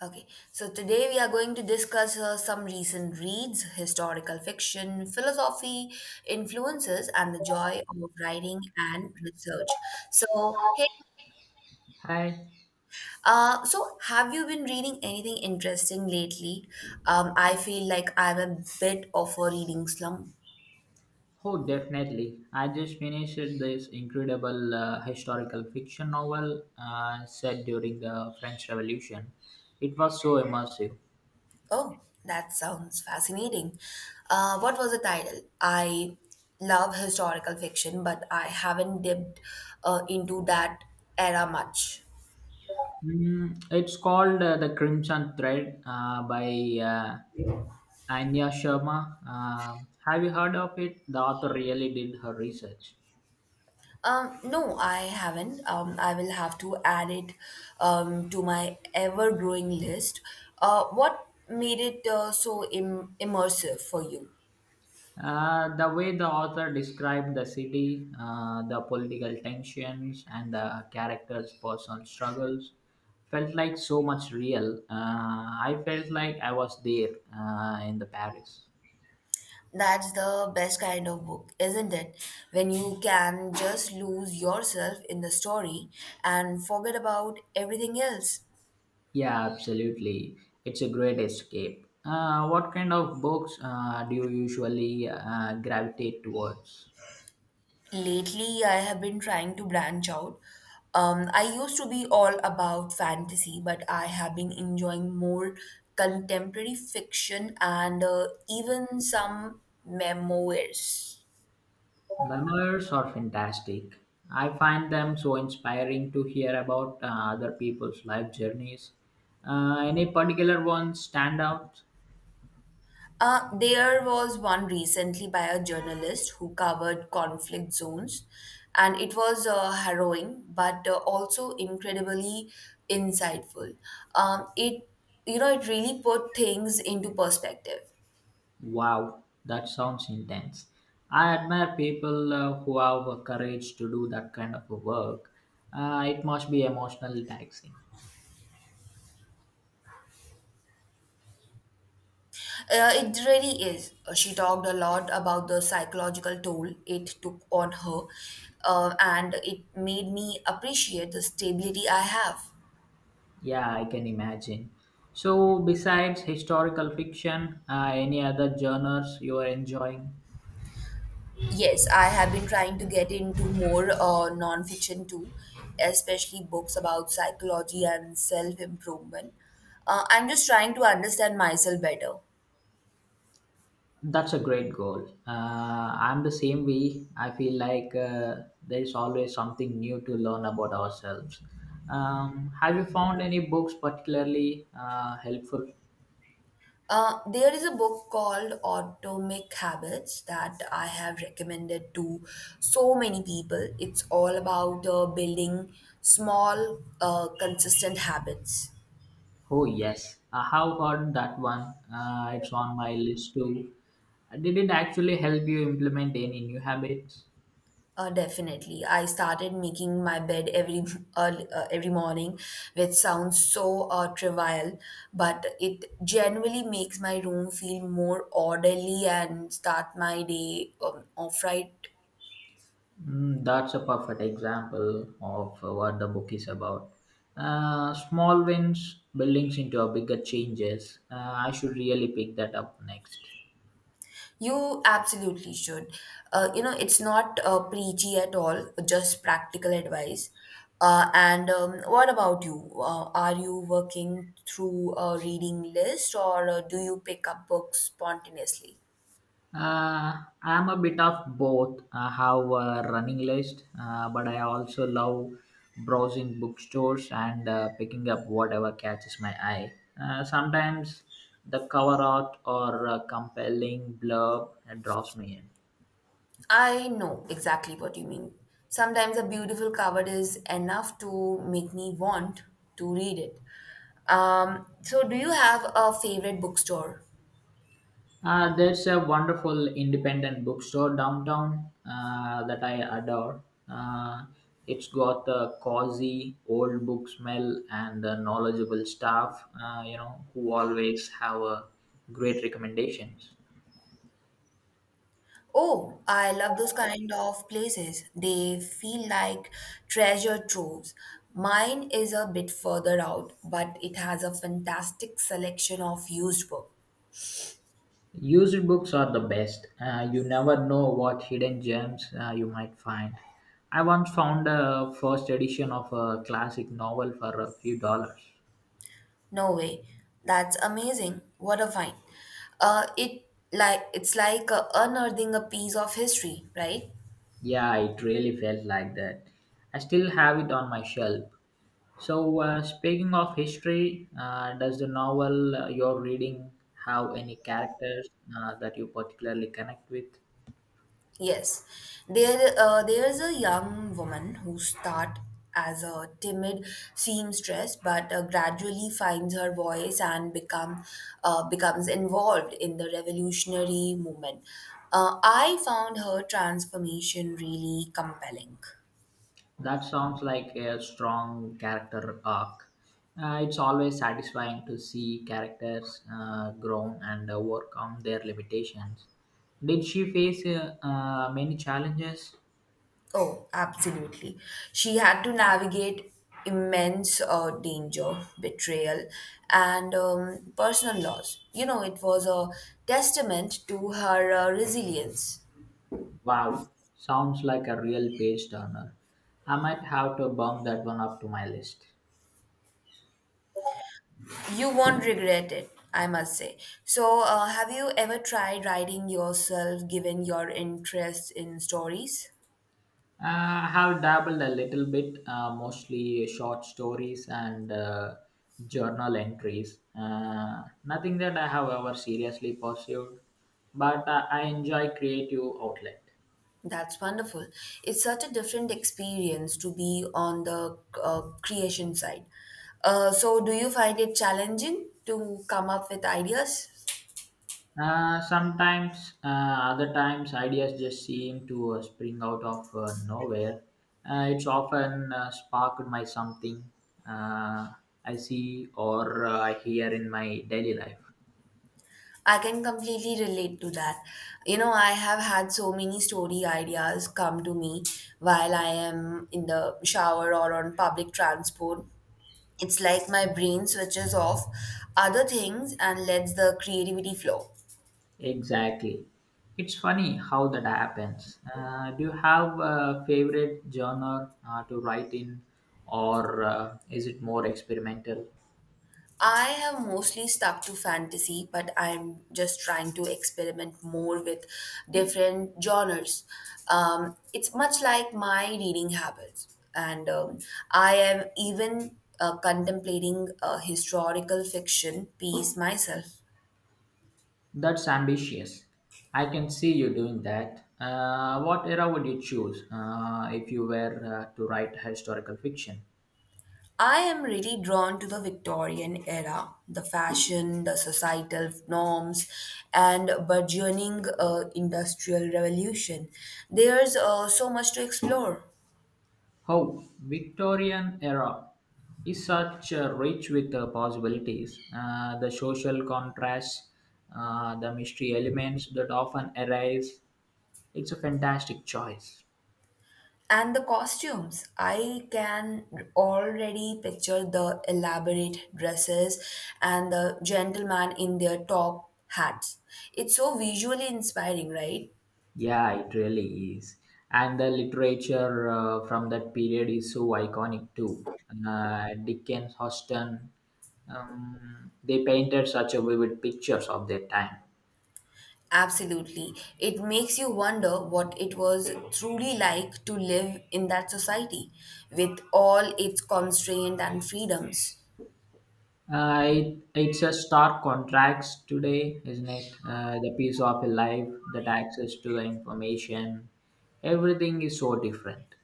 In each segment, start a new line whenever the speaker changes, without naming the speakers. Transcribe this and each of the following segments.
Okay, so today we are going to discuss some recent reads, historical fiction, philosophy, influences, and the joy of writing and research. So, hey,
Hi.
so have you been reading anything interesting lately? I feel like I'm a bit of a reading slump.
Oh, definitely. I just finished this incredible historical fiction novel set during the French Revolution. It was so immersive.
Oh, that sounds fascinating. What was the title? I love historical fiction, but I haven't dipped into that era much.
Mm, it's called The Crimson Thread by uh, Anya Sharma. Have you heard of it? The author really did her research.
No, I haven't. I will have to add it to my ever-growing list. What made it so immersive for you?
The way the author described the city, the political tensions, and the characters' personal struggles felt like so much real. I felt like I was there in the Paris.
That's the best kind of book, isn't it? When you can just lose yourself in the story and forget about everything else.
Yeah, absolutely. It's a great escape. What kind of books do you usually gravitate towards?
Lately, I have been trying to branch out. I used to be all about fantasy, but I have been enjoying more contemporary fiction and even some memoirs.
Memoirs are fantastic. I find them so inspiring to hear about other people's life journeys. Any particular ones stand out?
There was one recently by a journalist who covered conflict zones, and it was harrowing but also incredibly insightful. It it really put things into perspective.
Wow, that sounds intense. I admire people who have the courage to do that kind of a work. It must be emotionally taxing.
It really is. She talked a lot about the psychological toll it took on her, and it made me appreciate the stability I have.
Yeah, I can imagine. So, besides historical fiction, any other genres you are enjoying?
Yes, I have been trying to get into more nonfiction too, especially books about psychology and self improvement. I'm just trying to understand myself better.
That's a great goal. I'm the same way. I feel like there is always something new to learn about ourselves. Have you found any books particularly helpful?
There is a book called Atomic Habits that I have recommended to so many people. It's all about building small, consistent habits.
Oh, yes. I have heard that one. It's on my list too. Did it actually help you implement any new habits?
Definitely, I started making my bed every early, every morning, which sounds so trivial, but it genuinely makes my room feel more orderly and start my day off right.
Mm, that's a perfect example of what the book is about. Small wins buildings into a bigger changes. I should really pick that up next.
You absolutely should. It's not preachy at all, just practical advice. And what about you? Are you working through a reading list or do you pick up books spontaneously?
Uh, I'm a bit of both. I have a running list, but I also love browsing bookstores and picking up whatever catches my eye. Sometimes the cover art or a compelling blurb draws me in.
I know exactly what you mean. Sometimes a beautiful cover is enough to make me want to read it. So, do you have a favorite bookstore?
There's a wonderful independent bookstore downtown that I adore. Uh, it's got a cozy old book smell and a knowledgeable staff, you know, who always have great recommendations.
Oh, I love those kind of places. They feel like treasure troves. Mine is a bit further out, but it has a fantastic selection of used book.
Used books are the best. You never know what hidden gems you might find. I once found a first edition of a classic novel for a few dollars.
No way. That's amazing. What a find. Uh, it it's like unearthing a piece of history, right?
Yeah, it really felt like that. I still have it on my shelf. So, speaking of history, does the novel you're reading have any characters that you particularly connect with?
Yes, there's a young woman who start as a timid seamstress, but gradually finds her voice and become becomes involved in the revolutionary movement. I found her transformation really compelling.
That sounds like a strong character arc. It's always satisfying to see characters grow and overcome their limitations. Did she face many challenges?
Oh, absolutely. She had to navigate immense danger, betrayal, and personal loss. You know, it was a testament to her resilience.
Wow, sounds like a real page turner. I might have to bump that one up to my list.
You won't regret it, I must say. So, have you ever tried writing yourself given your interest in stories?
I have dabbled a little bit, mostly short stories and journal entries. Nothing that I have ever seriously pursued, but I enjoy creative outlet.
That's wonderful. It's such a different experience to be on the creation side. So, do you find it challenging to come up with ideas?
Sometimes, other times, ideas just seem to spring out of nowhere. It's often sparked by something uh, I see or I hear in my daily life.
I can completely relate to that. You know, I have had so many story ideas come to me while I am in the shower or on public transport. It's like my brain switches off other things and lets the creativity flow.
Exactly. It's funny how that happens. Do you have a favorite genre to write in, or is it more experimental?
I have mostly stuck to fantasy, but I'm just trying to experiment more with different genres. It's much like my reading habits, and I am even contemplating a historical fiction piece myself.
That's ambitious. I can see you doing that. What era would you choose if you were to write historical fiction?
I am really drawn to the Victorian era, the fashion, the societal norms, and burgeoning industrial revolution. There's so much to explore.
Oh, Victorian era is such rich with possibilities. The social contrasts, the mystery elements that often arise. It's a fantastic choice.
And the costumes, I can already picture the elaborate dresses and the gentleman in their top hats. It's so visually inspiring, right?
Yeah, it really is. And the literature from that period is so iconic too. Dickens, Austen, they painted such a vivid pictures of their time.
Absolutely. It makes you wonder what it was truly like to live in that society with all its constraint and freedoms.
It's a stark contrast today, isn't it? The piece of a life, that access to the information, everything is so different.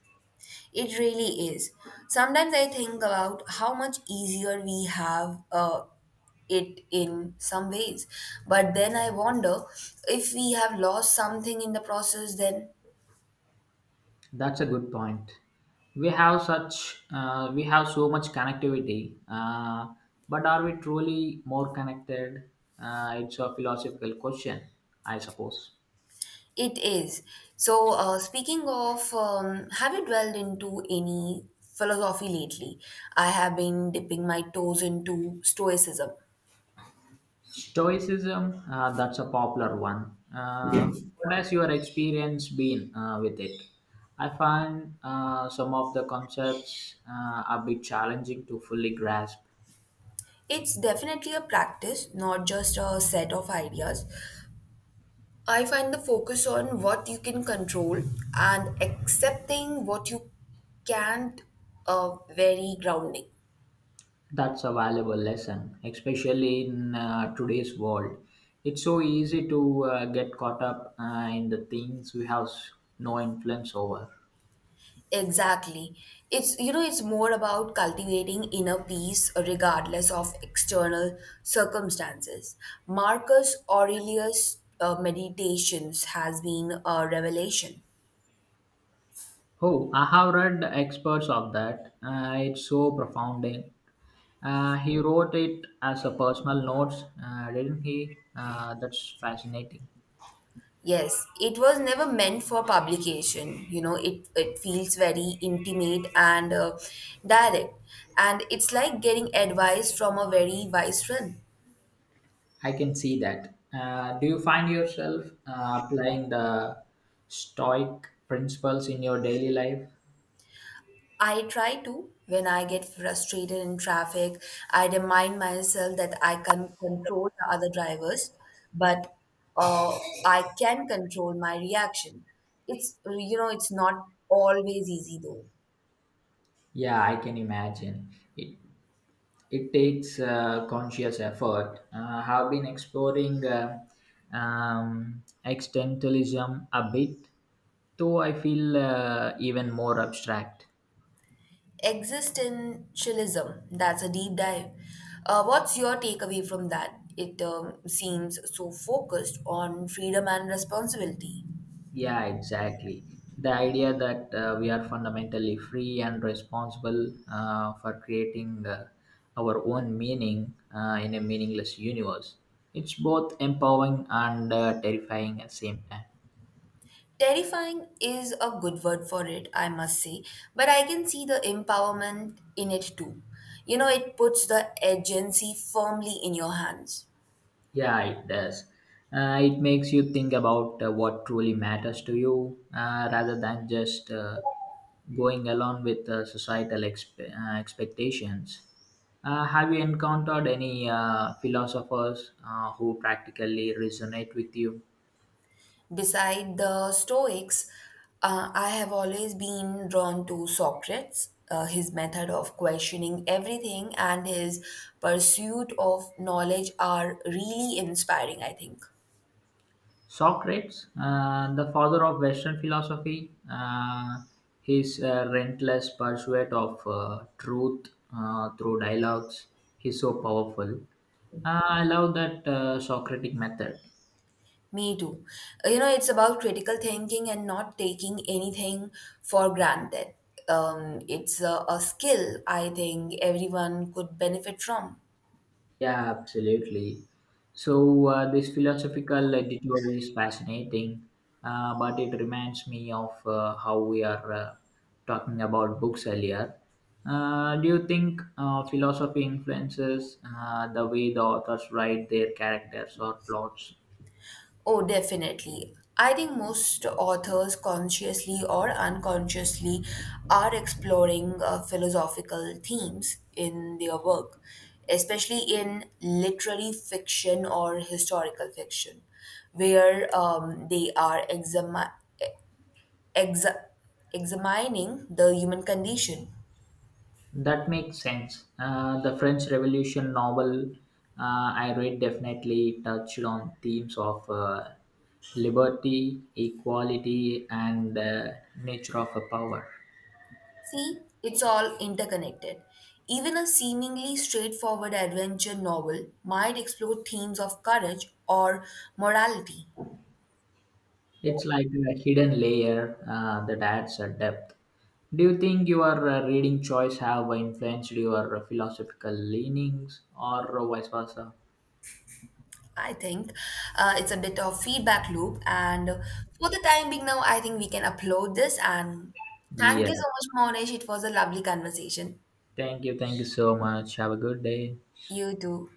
It really is. Sometimes I think about how much easier we have it in some ways. But then I wonder if we have lost something in the process, then
That's a good point. We have so much connectivity, but are we truly more connected? It's a philosophical question, I suppose.
it is. So, speaking of, have you dwelled into any philosophy lately? I have been dipping my toes into Stoicism.
Stoicism, that's a popular one. What has your experience been with it? I find some of the concepts a bit challenging to fully grasp.
It's definitely a practice, not just a set of ideas. I find the focus on what you can control and accepting what you can't very grounding.
That's a valuable lesson, especially in today's world. It's so easy to get caught up in the things we have no influence over.
Exactly. It's it's more about cultivating inner peace regardless of external circumstances. Marcus Aurelius' meditations has been a revelation.
Oh, I have read experts of that. It's so profounding. He wrote it as a personal notes, didn't he? That's fascinating.
Yes, it was never meant for publication. You know, it feels very intimate and direct, and it's like getting advice from a very wise friend.
I can see that. Do you find yourself applying the Stoic principles in your daily life?
I try to. When I get frustrated in traffic, I remind myself that I can control the other drivers, but uh, I can control my reaction. It's not always easy though.
Yeah, I can imagine. It it takes conscious effort. I have been exploring existentialism a bit, though I feel even more abstract.
Existentialism, that's a deep dive. What's your takeaway from that? It seems so focused on freedom and responsibility.
Yeah, exactly. The idea that we are fundamentally free and responsible for creating our own meaning in a meaningless universe. It's both empowering and terrifying at the same time.
Terrifying is a good word for it, I must say, but I can see the empowerment in it too. You know, it puts the agency firmly in your hands.
Yeah, it does. It makes you think about what truly matters to you rather than just going along with societal expectations. Have you encountered any philosophers who practically resonate with you?
Beside the Stoics, I have always been drawn to Socrates, his method of questioning everything and his pursuit of knowledge are really inspiring, I think.
Socrates, the father of Western philosophy, his relentless pursuit of truth through dialogues, he's so powerful. I love that Socratic method.
Me too. You know, it's about critical thinking and not taking anything for granted. It's a skill I think everyone could benefit from.
Yeah, absolutely. So, this philosophical detour is fascinating, but it reminds me of how we are talking about books earlier. Do you think philosophy influences the way the authors write their characters or plots?
Oh, definitely. I think most authors, consciously or unconsciously, are exploring philosophical themes in their work, especially in literary fiction or historical fiction, where they are exami- exa- examining the human condition.
That makes sense. The French Revolution novel I read definitely touched on themes of liberty, equality, and the nature of a power.
See, it's all interconnected. Even a seemingly straightforward adventure novel might explore themes of courage or morality.
It's like a hidden layer that adds a depth. Do you think your reading choice have influenced your philosophical leanings or vice versa?
I think it's a bit of feedback loop, and for the time being now, I think we can upload this. And thank you
Yeah.
so much, Monesh. It was a lovely conversation.
Thank you. Thank you so much. Have a good day.
You too.